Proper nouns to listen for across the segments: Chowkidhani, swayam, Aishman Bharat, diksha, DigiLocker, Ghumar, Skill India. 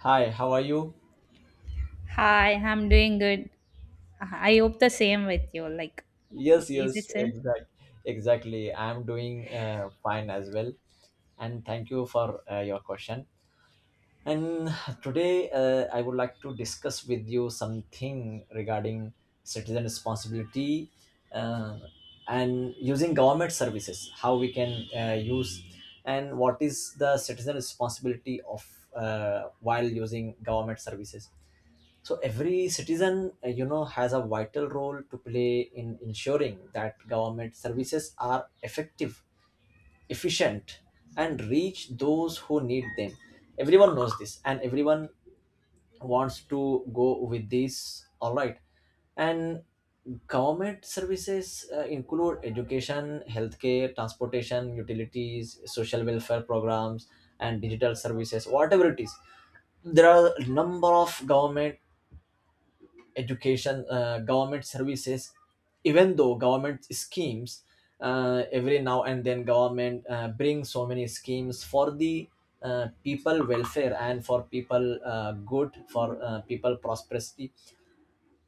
Hi, how are you? Hi, I'm doing good. I hope the same with you. Like, Yes, is yes, it same? exactly. I'm doing fine as well, and thank you for your question. And today, I would like to discuss with you something regarding citizen responsibility uh, and using government services. How we can use, and what is the citizen responsibility of while using government services? So every citizen, has a vital role to play in ensuring that government services are effective, efficient, and reach those who need them. Everyone knows this, and everyone wants to go with this, all right. And government services include education, healthcare, transportation, utilities, social welfare programs, and digital services, whatever it is. There are a number of government government services, even though government schemes, every now and then government brings so many schemes for the people welfare, and for people, good for people prosperity.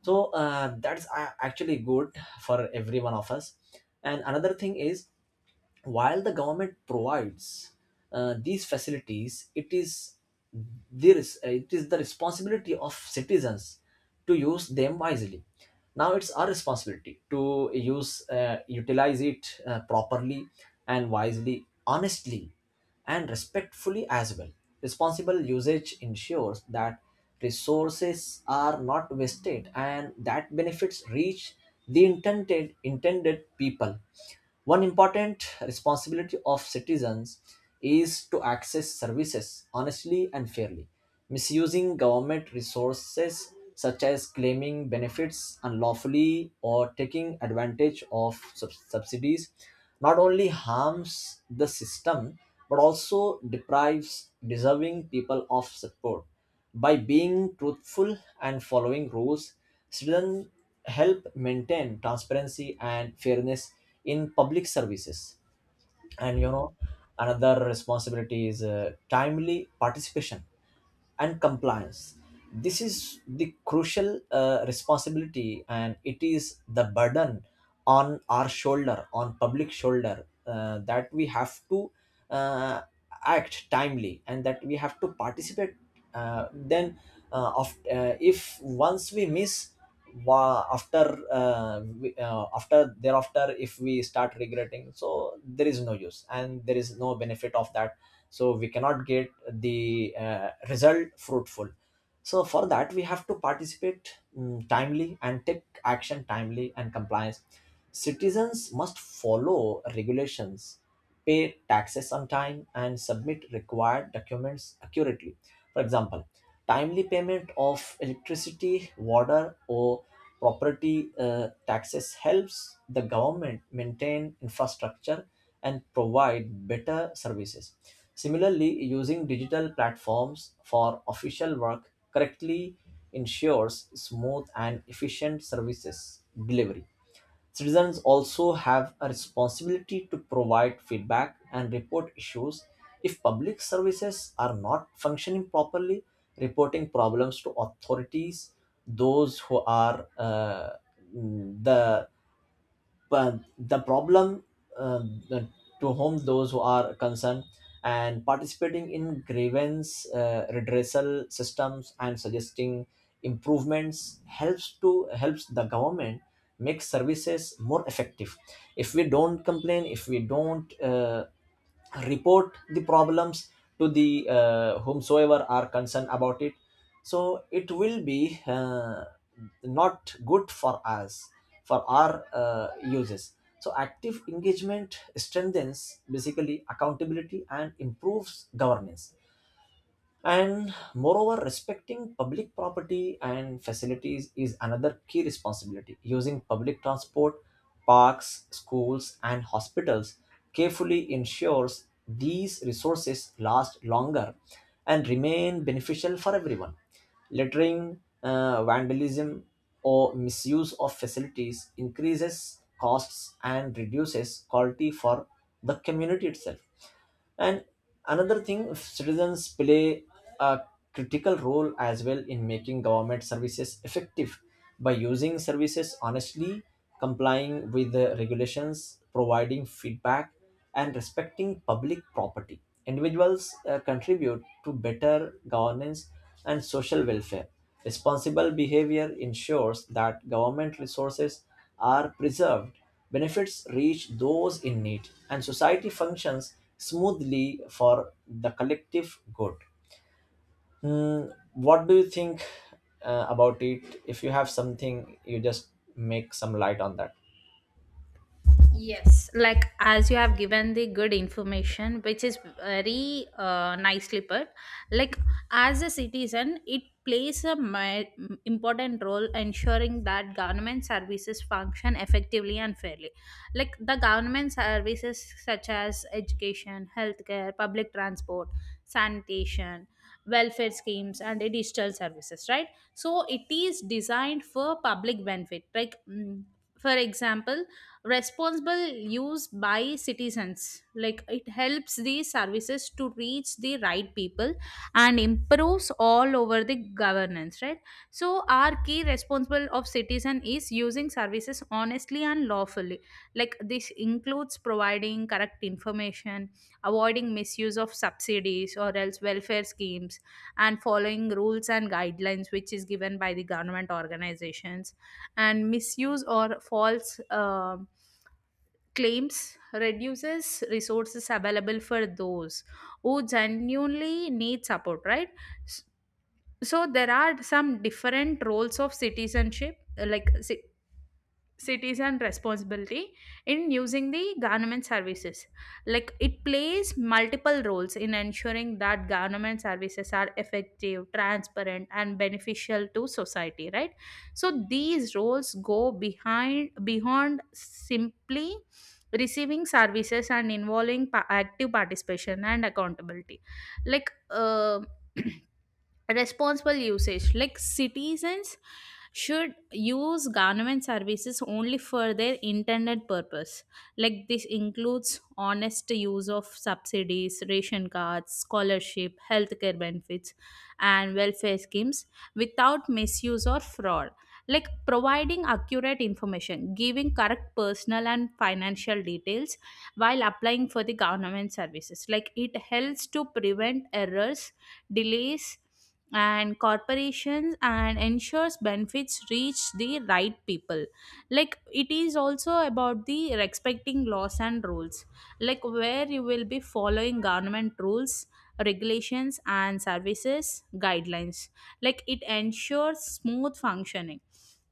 So that's actually good for every one of us. And another thing is, while the government provides these facilities, it is the responsibility of citizens to use them wisely. Now it's our responsibility to use utilize it properly and wisely, honestly, and respectfully as well. Responsible usage ensures that resources are not wasted and that benefits reach the intended people. One important responsibility of citizens is to access services honestly and fairly. Misusing government resources, such as claiming benefits unlawfully or taking advantage of subsidies, not only harms the system but also deprives deserving people of support. By being truthful and following rules, students help maintain transparency and fairness in public services. And another responsibility is timely participation and compliance. This is the crucial responsibility, and it is the burden on our shoulder, on public shoulder, that we have to uh, act timely, and that we have to participate. Then, if once we miss, wa- after we, after thereafter, if we start regretting, so there is no use and there is no benefit of that. So we cannot get the result fruitful. So for that we have to participate timely and take action timely and compliance. Citizens must follow regulations, pay taxes on time, and submit required documents accurately. For example, timely payment of electricity, water, or property taxes helps the government maintain infrastructure and provide better services. Similarly, using digital platforms for official work correctly ensures smooth and efficient services delivery. Citizens also have a responsibility to provide feedback and report issues. If public services are not functioning properly, reporting problems to authorities, those who are the but the problem the- to whom those who are concerned, and participating in grievance redressal systems and suggesting improvements helps the government make services more effective. If we don't complain, if we don't report the problems to the whomsoever are concerned about it, so it will be not good for us, for our uses. So active engagement strengthens basically accountability and improves governance. And moreover, respecting public property and facilities is another key responsibility. Using public transport, parks, schools, and hospitals carefully ensures these resources last longer and remain beneficial for everyone. Littering, vandalism, or misuse of facilities increases costs and reduces quality for the community itself. And another thing, citizens play a critical role as well in making government services effective by using services honestly, complying with the regulations, providing feedback, and respecting public property. Individuals contribute to better governance and social welfare. Responsible behavior ensures that government resources are preserved. Benefits reach those in need, and society functions smoothly for the collective good. What do you think about it? If you have something, you just make some light on that. Yes, like as you have given the good information, which is very nicely put. Like as a citizen, it plays a important role ensuring that government services function effectively and fairly. Like the government services such as education, healthcare, public transport, sanitation, welfare schemes, and digital services. Right, so it is designed for public benefit. Like for example responsible use by citizens like it helps these services to reach the right people and improves all over the governance, right? So our key responsible of citizen is using services honestly and lawfully, like this includes providing correct information, avoiding misuse of subsidies or else welfare schemes, and following rules and guidelines which is given by the government organizations. And misuse or false claims reduces resources available for those who genuinely need support, right? S- so there are some different roles of citizenship, like citizen responsibility in using the government services. Like it plays multiple roles in ensuring that government services are effective, transparent, and beneficial to society, right? So these roles go behind beyond simply receiving services and involving active participation and accountability. Like responsible usage, like citizens should use government services only for their intended purpose. Like this includes honest use of subsidies, ration cards, scholarship, healthcare benefits, and welfare schemes without misuse or fraud. Like providing accurate information, giving correct personal and financial details while applying for the government services, like it helps to prevent errors, delays, and corporations, and ensures benefits reach the right people. Like it is also about the respecting laws and rules, like where you will be following government rules, regulations, and services guidelines. Like it ensures smooth functioning.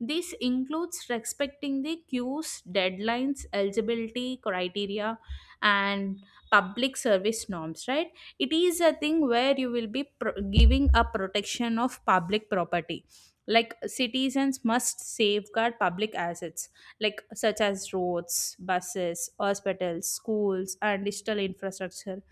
This includes respecting the queues, deadlines, eligibility criteria, and public service norms, right? It is a thing where you will be giving a protection of public property, like citizens must safeguard public assets like such as roads, buses, hospitals, schools, and digital infrastructure,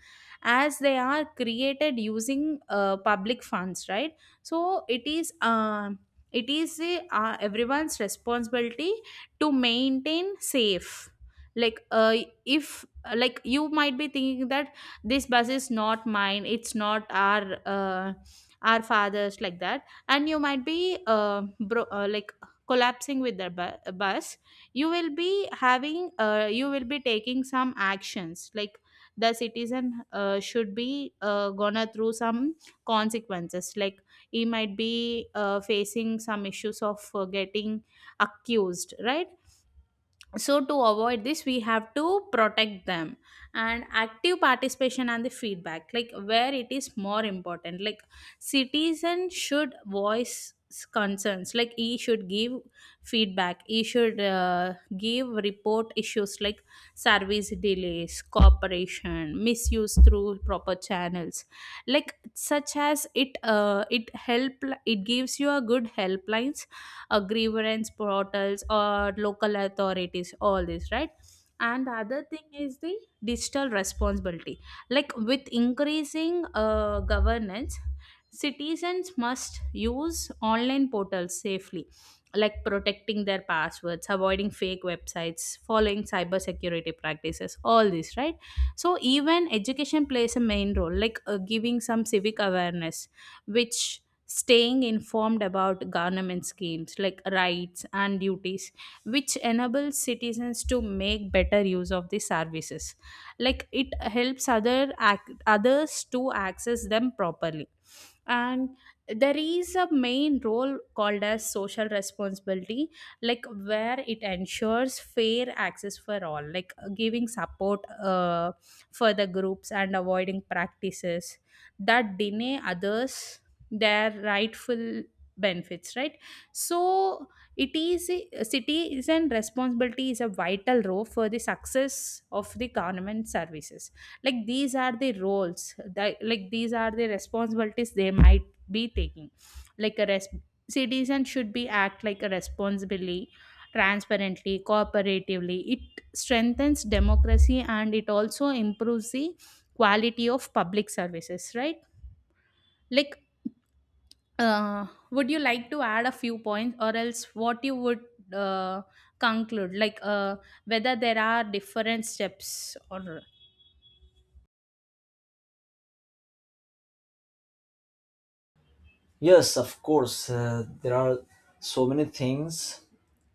as they are created using public funds, right? So it is everyone's responsibility to maintain safe. Like if, like you might be thinking that this bus is not mine, it's not our fathers like that, and you might be like collapsing with the bus. You will be having you will be taking some actions, like the citizen should be gonna through some consequences, like he might be facing some issues of getting accused, right? So to avoid this we have to protect them. And active participation and the feedback, like where it is more important, like citizens should voice concerns, like he should give feedback, he should give report issues like service delays, cooperation misuse through proper channels, like such as it help, it gives you a good helpline, grievance portals, or local authorities, all this, right? And the other thing is the digital responsibility, like with increasing governance, citizens must use online portals safely, like protecting their passwords, avoiding fake websites, following cybersecurity practices, all this, right? So even education plays a main role, like giving some civic awareness, which staying informed about government schemes like rights and duties, which enables citizens to make better use of the services. Like it helps other others to access them properly. And there is a main role called as social responsibility, like where it ensures fair access for all, like giving support for the groups and avoiding practices that deny others their rightful benefits, right? So it is citizen responsibility is a vital role for the success of the government services. Like these are the roles that, like these are the responsibilities they might be taking, like a citizen should be act like a responsibly, transparently, cooperatively. It strengthens democracy and it also improves the quality of public services, right? Like, would you like to add a few points, or else what you would uh, conclude, like whether there are different steps or... Yes, of course. There are so many things.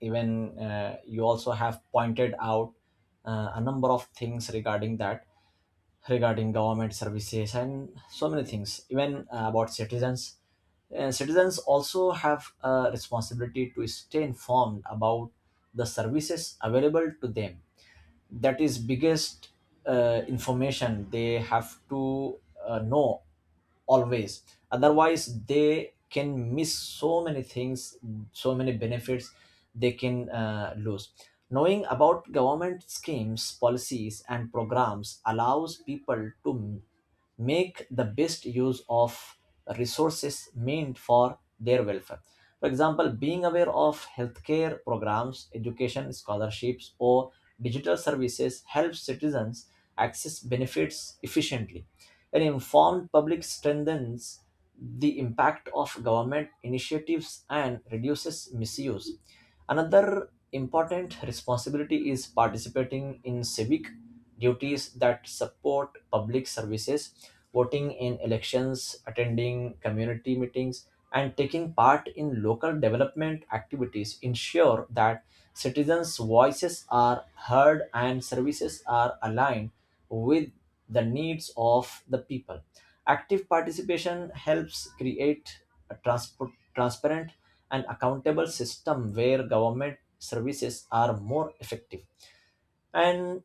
Even you also have pointed out a number of things regarding that, regarding government services and so many things, even about citizens. And citizens also have a responsibility to stay informed about the services available to them. That is biggest information they have to know always, otherwise they can miss so many things, so many benefits they can lose. Knowing about government schemes, policies, and programs allows people to make the best use of resources meant for their welfare. For example, being aware of healthcare programs, education scholarships, or digital services helps citizens access benefits efficiently. An informed public strengthens the impact of government initiatives and reduces misuse. Another important responsibility is participating in civic duties that support public services: voting in elections, attending community meetings, and taking part in local development activities ensure that citizens' voices are heard and services are aligned with the needs of the people. Active participation helps create a transparent and accountable system where government services are more effective. And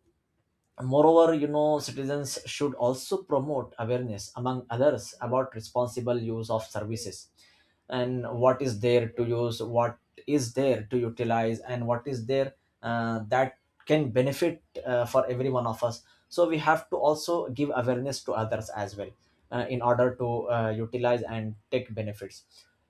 moreover, citizens should also promote awareness among others about responsible use of services, and what is there to use, what is there to utilize, and what is there that can benefit for every one of us. So we have to also give awareness to others as well, in order to utilize and take benefits.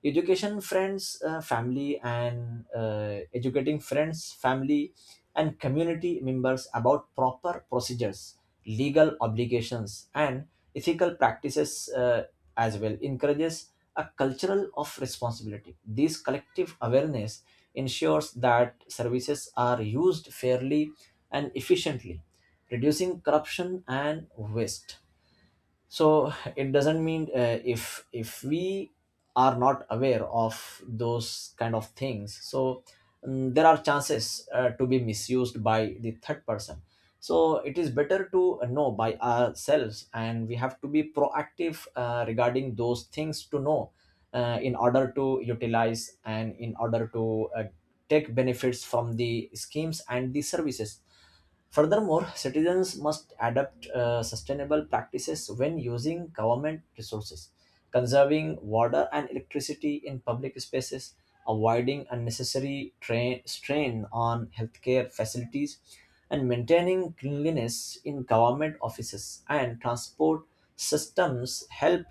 Education friends family and Educating friends, family, and community members about proper procedures, legal obligations, and ethical practices as well encourages a cultural of responsibility. This collective awareness ensures that services are used fairly and efficiently, reducing corruption and waste. So it doesn't mean, if we are not aware of those kind of things, so there are chances to be misused by the third person. So it is better to know by ourselves, and we have to be proactive regarding those things to know, in order to utilize and in order to take benefits from the schemes and the services. Furthermore, citizens must adopt sustainable practices when using government resources. Conserving water and electricity in public spaces, avoiding unnecessary strain on healthcare facilities, and maintaining cleanliness in government offices and transport systems help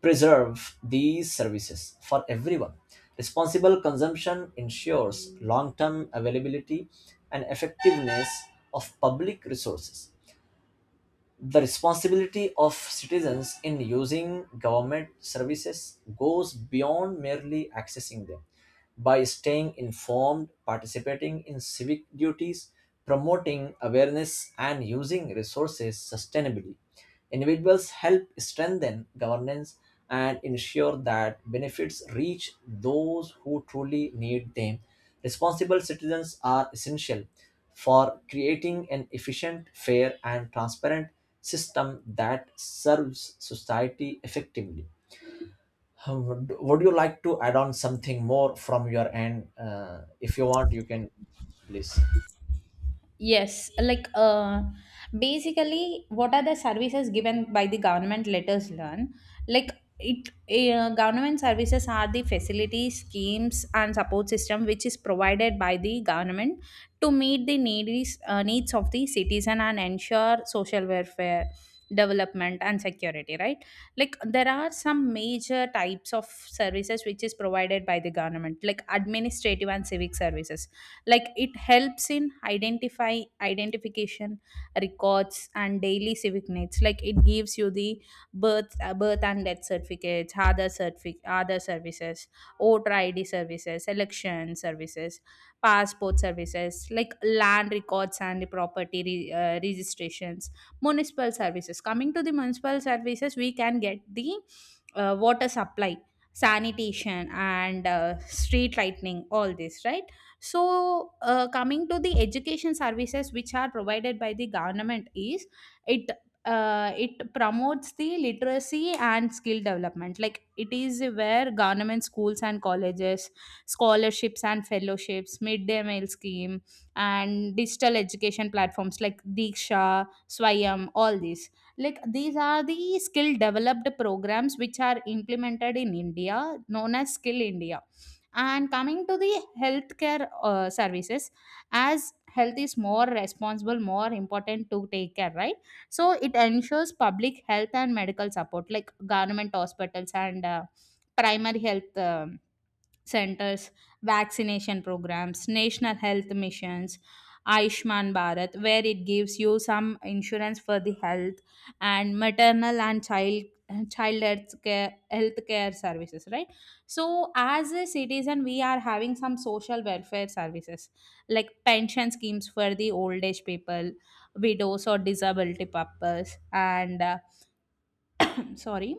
preserve these services for everyone. Responsible consumption ensures long term availability and effectiveness of public resources. The responsibility of citizens in using government services goes beyond merely accessing them. By staying informed, participating in civic duties, promoting awareness, and using resources sustainably, individuals help strengthen governance and ensure that benefits reach those who truly need them. Responsible citizens are essential for creating an efficient, fair, and transparent system that serves society effectively. Would you like to add on something more from your end? If you want, you can, please. Yes, like basically, what are the services given by the government? Let us learn. Like it, government services are the facilities, schemes, and support system which is provided by the government to meet the needs of the citizen and ensure social welfare, development, and security. Right? Like there are some major types of services which is provided by the government, like administrative and civic services, like it helps in identify identification records and daily civic needs. Like it gives you the birth and death certificates, other certific other services, voter ID services, election services, passport services, like land records and property registrations, municipal services. Coming to the municipal services, we can get the water supply, sanitation, and street lighting, all this, right? So coming to the education services which are provided by the government, is it it promotes the literacy and skill development, like it is where government schools and colleges, scholarships and fellowships, midday meal scheme, and digital education platforms like Diksha, Swayam, all these, like these are the skill developed programs which are implemented in India, known as Skill India. And coming to the healthcare services, as health is more responsible, more important to take care, right? So it ensures public health and medical support, like government hospitals and primary health centers, vaccination programs, national health missions, Aishman Bharat, where it gives you some insurance for the health, and maternal and child health care services, right? So, as a citizen, we are having some social welfare services like pension schemes for the old age people, widows or disability purpose, and sorry,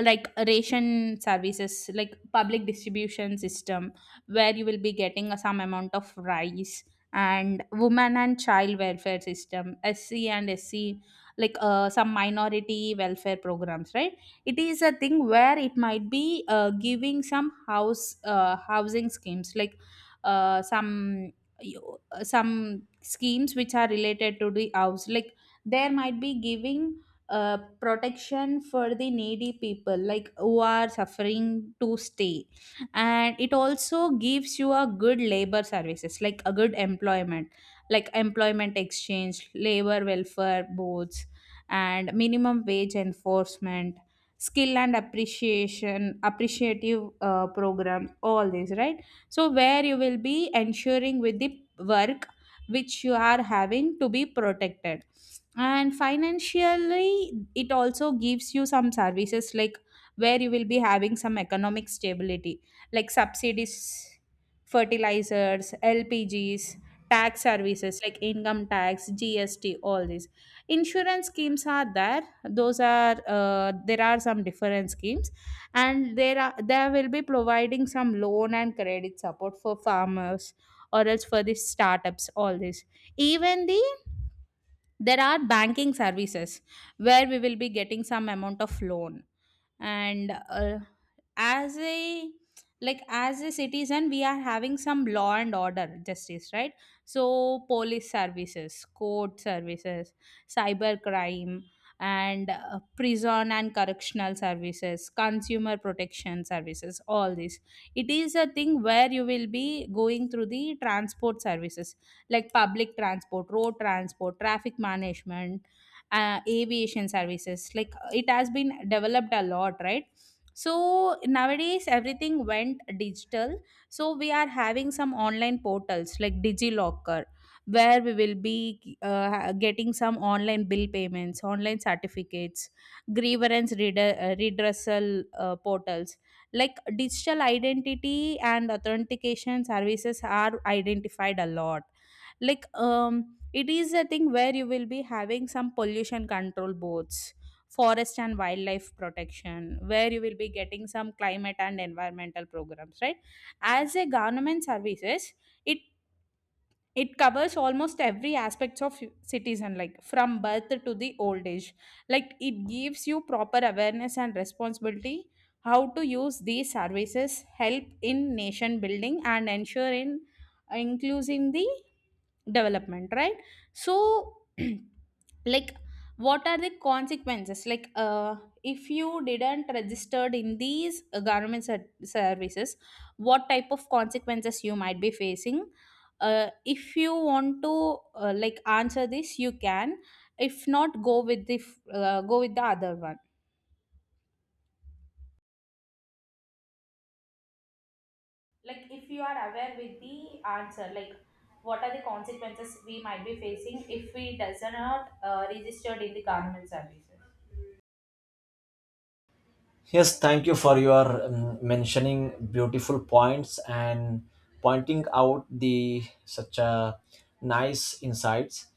like ration services like public distribution system where you will be getting some amount of rice, and women and child welfare system, SC and SC, like some minority welfare programs, right? It is a thing where it might be giving some house, housing schemes, like some, some schemes which are related to the house, like there might be giving protection for the needy people, like who are suffering to stay. And it also gives you a good labor services, like a good employment, like employment exchange, labor welfare boards, and minimum wage enforcement, skill and appreciation appreciative program, all this, right? So where you will be ensuring with the work which you are having, to be protected. And financially it also gives you some services, like where you will be having some economic stability, like subsidies, fertilizers, LPGs, tax services like income tax, GST, all these insurance schemes are there. Those are there are some different schemes, and there will be providing some loan and credit support for farmers or else for the startups, all this. Even the, there are banking services where we will be getting some amount of loan, and as a like as a citizen we are having some law and order justice, right? So police services, court services, cyber crime, and prison and correctional services, consumer protection services, all this. It is a thing where you will be going through the transport services, like public transport, road transport, traffic management, aviation services. Like it has been developed a lot, right? So nowadays everything went digital. So we are having some online portals like DigiLocker, where we will be getting some online bill payments, online certificates, grievance redressal portals. Like digital identity and authentication services are identified a lot, like it is a thing where you will be having some pollution control boards, forest and wildlife protection, where you will be getting some climate and environmental programs, right? As a government services, it it covers almost every aspects of citizen, like from birth to the old age. Like it gives you proper awareness and responsibility, how to use these services help in nation building and ensure in including the development, right? So like what are the consequences, like if you didn't registered in these government services, what type of consequences you might be facing? If you want to like answer this you can, if not go with the go with the other one. Like if you are aware with the answer, like what are the consequences we might be facing if we does not registered in the government services. Yes, thank you for your mentioning beautiful points and pointing out the such a nice insights,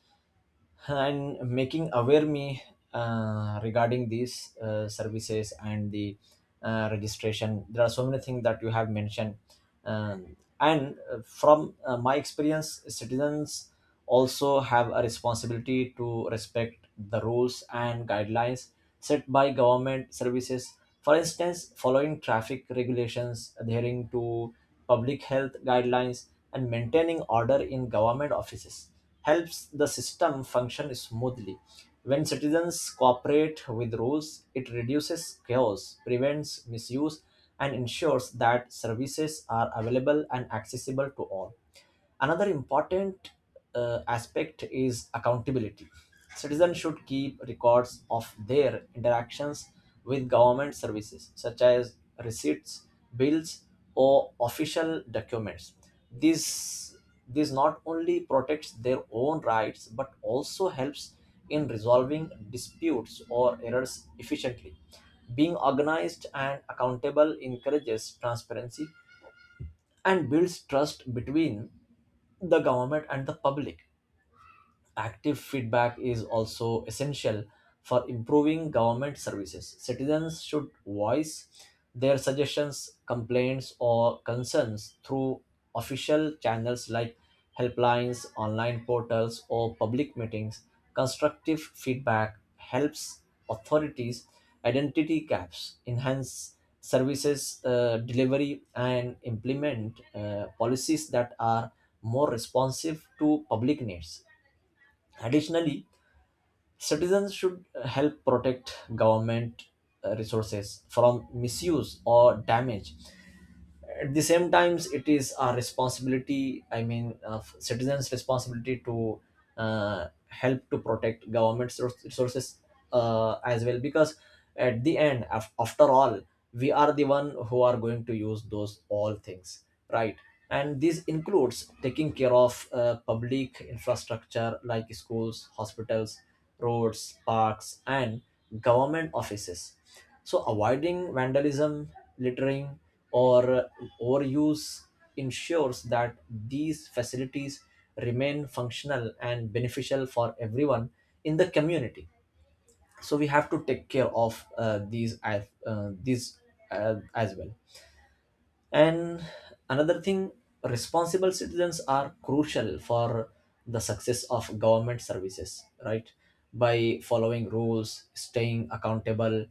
and making aware me regarding these services and the registration. There are so many things that you have mentioned, and from my experience, citizens also have a responsibility to respect the rules and guidelines set by government services. For instance, following traffic regulations, adhering to public health guidelines, and maintaining order in government offices helps the system function smoothly. When citizens cooperate with rules, it reduces chaos, prevents misuse, and ensures that services are available and accessible to all. Another important aspect is accountability. Citizens should keep records of their interactions with government services, such as receipts, bills, or official documents. This, this not only protects their own rights but also helps in resolving disputes or errors efficiently. Being organized and accountable encourages transparency and builds trust between the government and the public. Active feedback is also essential for improving government services. Citizens should voice their suggestions, complaints, or concerns through official channels like helplines, online portals, or public meetings. Constructive feedback helps authorities identity gaps, enhance services delivery, and implement policies that are more responsive to public needs. Additionally, citizens should help protect government resources from misuse or damage. At the same times, it is our responsibility, I mean citizens responsibility, to help to protect government's resources as well, because at the end, after all, we are the one who are going to use those all things, right? And this includes taking care of public infrastructure like schools, hospitals, roads, parks, and government offices. So, avoiding vandalism, littering, or overuse ensures that these facilities remain functional and beneficial for everyone in the community. So, we have to take care of these as well. And another thing, responsible citizens are crucial for the success of government services, right? By following rules, staying accountable,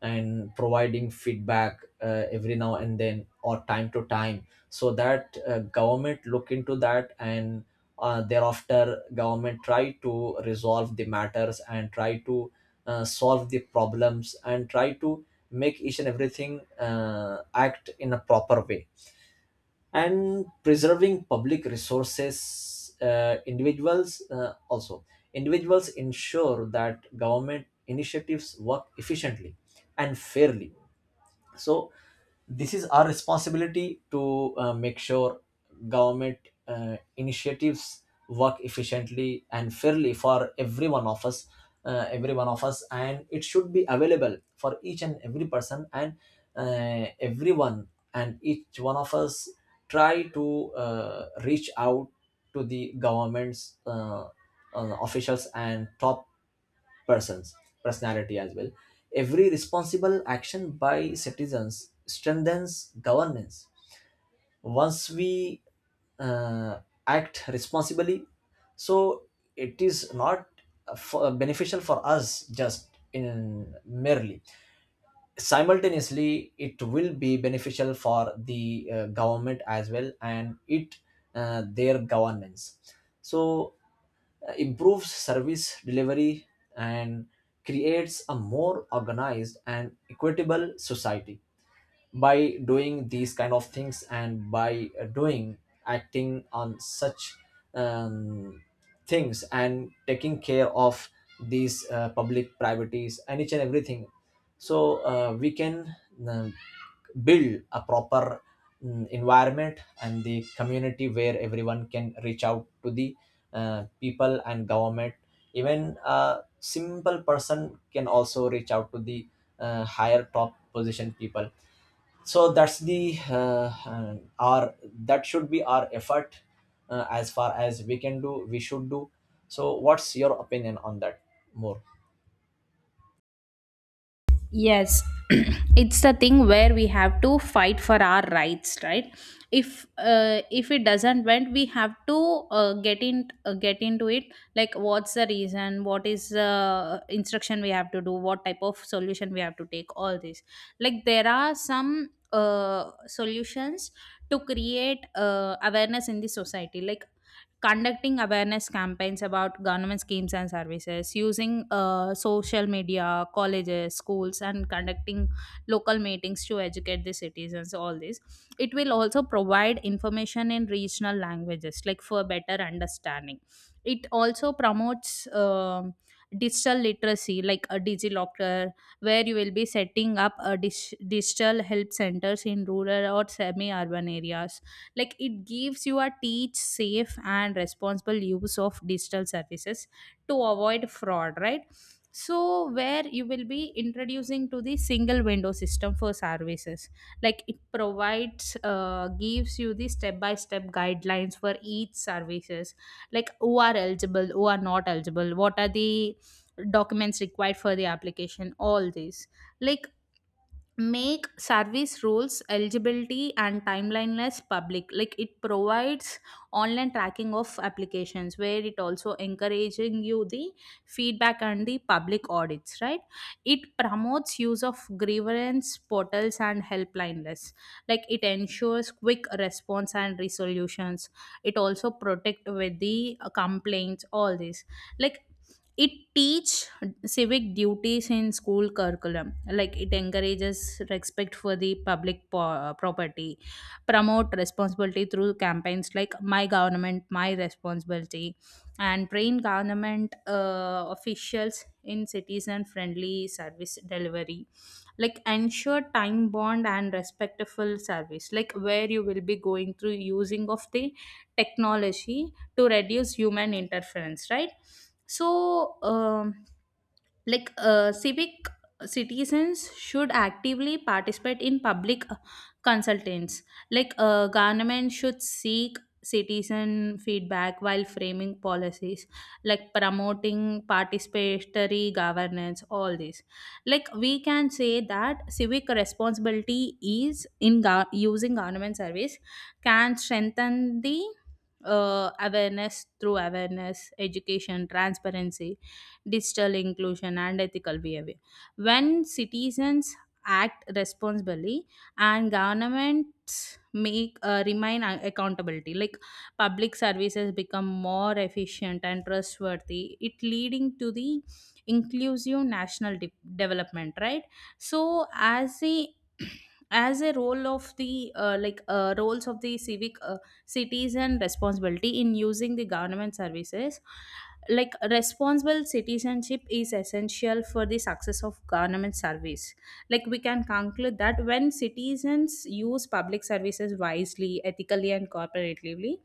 and providing feedback every now and then, or time to time, so that government look into that, and thereafter government try to resolve the matters and try to solve the problems and try to make each and everything act in a proper way, and preserving public resources, individuals, also individuals ensure that government initiatives work efficiently and fairly. So this is our responsibility to make sure government initiatives work efficiently and fairly for every one of us, and it should be available for each and every person, and everyone, and each one of us try to reach out to the government's officials and top person's personality as well. Every responsible action by citizens strengthens governance. Once we uh, act responsibly, so it is not beneficial for us just in merely, simultaneously it will be beneficial for the government as well, and it their governance, so improves service delivery, and creates a more organized and equitable society. By doing these kind of things, and by doing, acting on such um, things, and taking care of these public privacies and each and everything, so we can uh, build a proper environment and the community, where everyone can reach out to the people and government, even a simple person can also reach out to the higher top position people. So that's the our that should be our effort, as far as we can do, we should do. So what's your opinion on that more? Yes, it's the thing where we have to fight for our rights, right? If it doesn't went, we have to get into it. Like, what's the reason? What is the instruction we have to do? What type of solution we have to take? All this. Like, there are some solutions to create awareness in the society. Like, conducting awareness campaigns about government schemes and services, using social media, colleges, schools, and conducting local meetings to educate the citizens. All this, it will also provide information in regional languages, like for better understanding. It also promotes digital literacy like a digilocker, where you will be setting up a digital help centers in rural or semi urban areas. Like, it gives you a teach safe and responsible use of digital services to avoid fraud, right? So where you will be introducing to the single window system for services. Like, it provides gives you the step by step guidelines for each services, like who are eligible, who are not eligible, what are the documents required for the application, all these. Like, make service rules eligibility and timeline less public. Like, it provides online tracking of applications, where it also encouraging you the feedback and the public audits, right? It promotes use of grievance portals and helpline less. Like, it ensures quick response and resolutions. It also protect with the complaints, all this. Like, it teach civic duties in school curriculum. Like, it encourages respect for the public property, promote responsibility through campaigns like my government my responsibility, and train government officials in citizen friendly service delivery. Like, ensure time bond and respectful service, like where you will be going through using of the technology to reduce human interference, right? So like civic citizens should actively participate in public consultants. Like, government should seek citizen feedback while framing policies, like promoting participatory governance, all this. Like, we can say that civic responsibility is in using government service, can strengthen the awareness through awareness education, transparency, digital inclusion, and ethical behavior. When citizens act responsibly and governments make remain accountability, like public services become more efficient and trustworthy, it leading to the inclusive national development, right? So as a as a role of the like roles of the civic citizen responsibility in using the government services. Like, responsible citizenship is essential for the success of government service. Like, we can conclude that when citizens use public services wisely, ethically and cooperatively,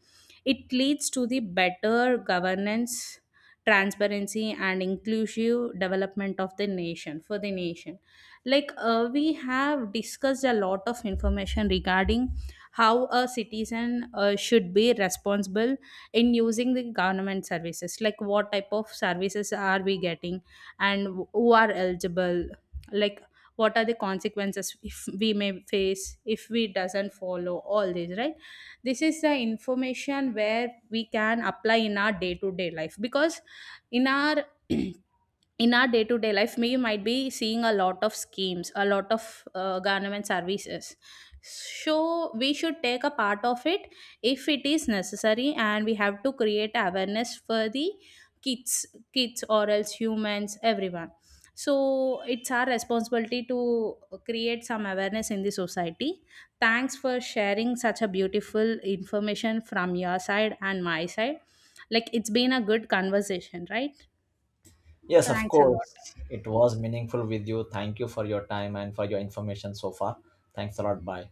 it leads to the better governance, transparency and inclusive development of the nation, for the nation. Like, we have discussed a lot of information regarding how a citizen should be responsible in using the government services, like what type of services are we getting, and who are eligible, like what are the consequences if we may face if we doesn't follow all these, right? This is the information where we can apply in our day to day life, because in our in our day to day life, we might be seeing a lot of schemes, a lot of government services. So, we should take a part of it if it is necessary, and we have to create awareness for the kids, kids, or else humans, everyone. So, it's our responsibility to create some awareness in the society. Thanks for sharing such a beautiful information from your side and my side. Like, it's been a good conversation, right? Yes, of Thanks a lot. course. It was meaningful with you. Thank you for your time and for your information so far. Thanks a lot. Bye.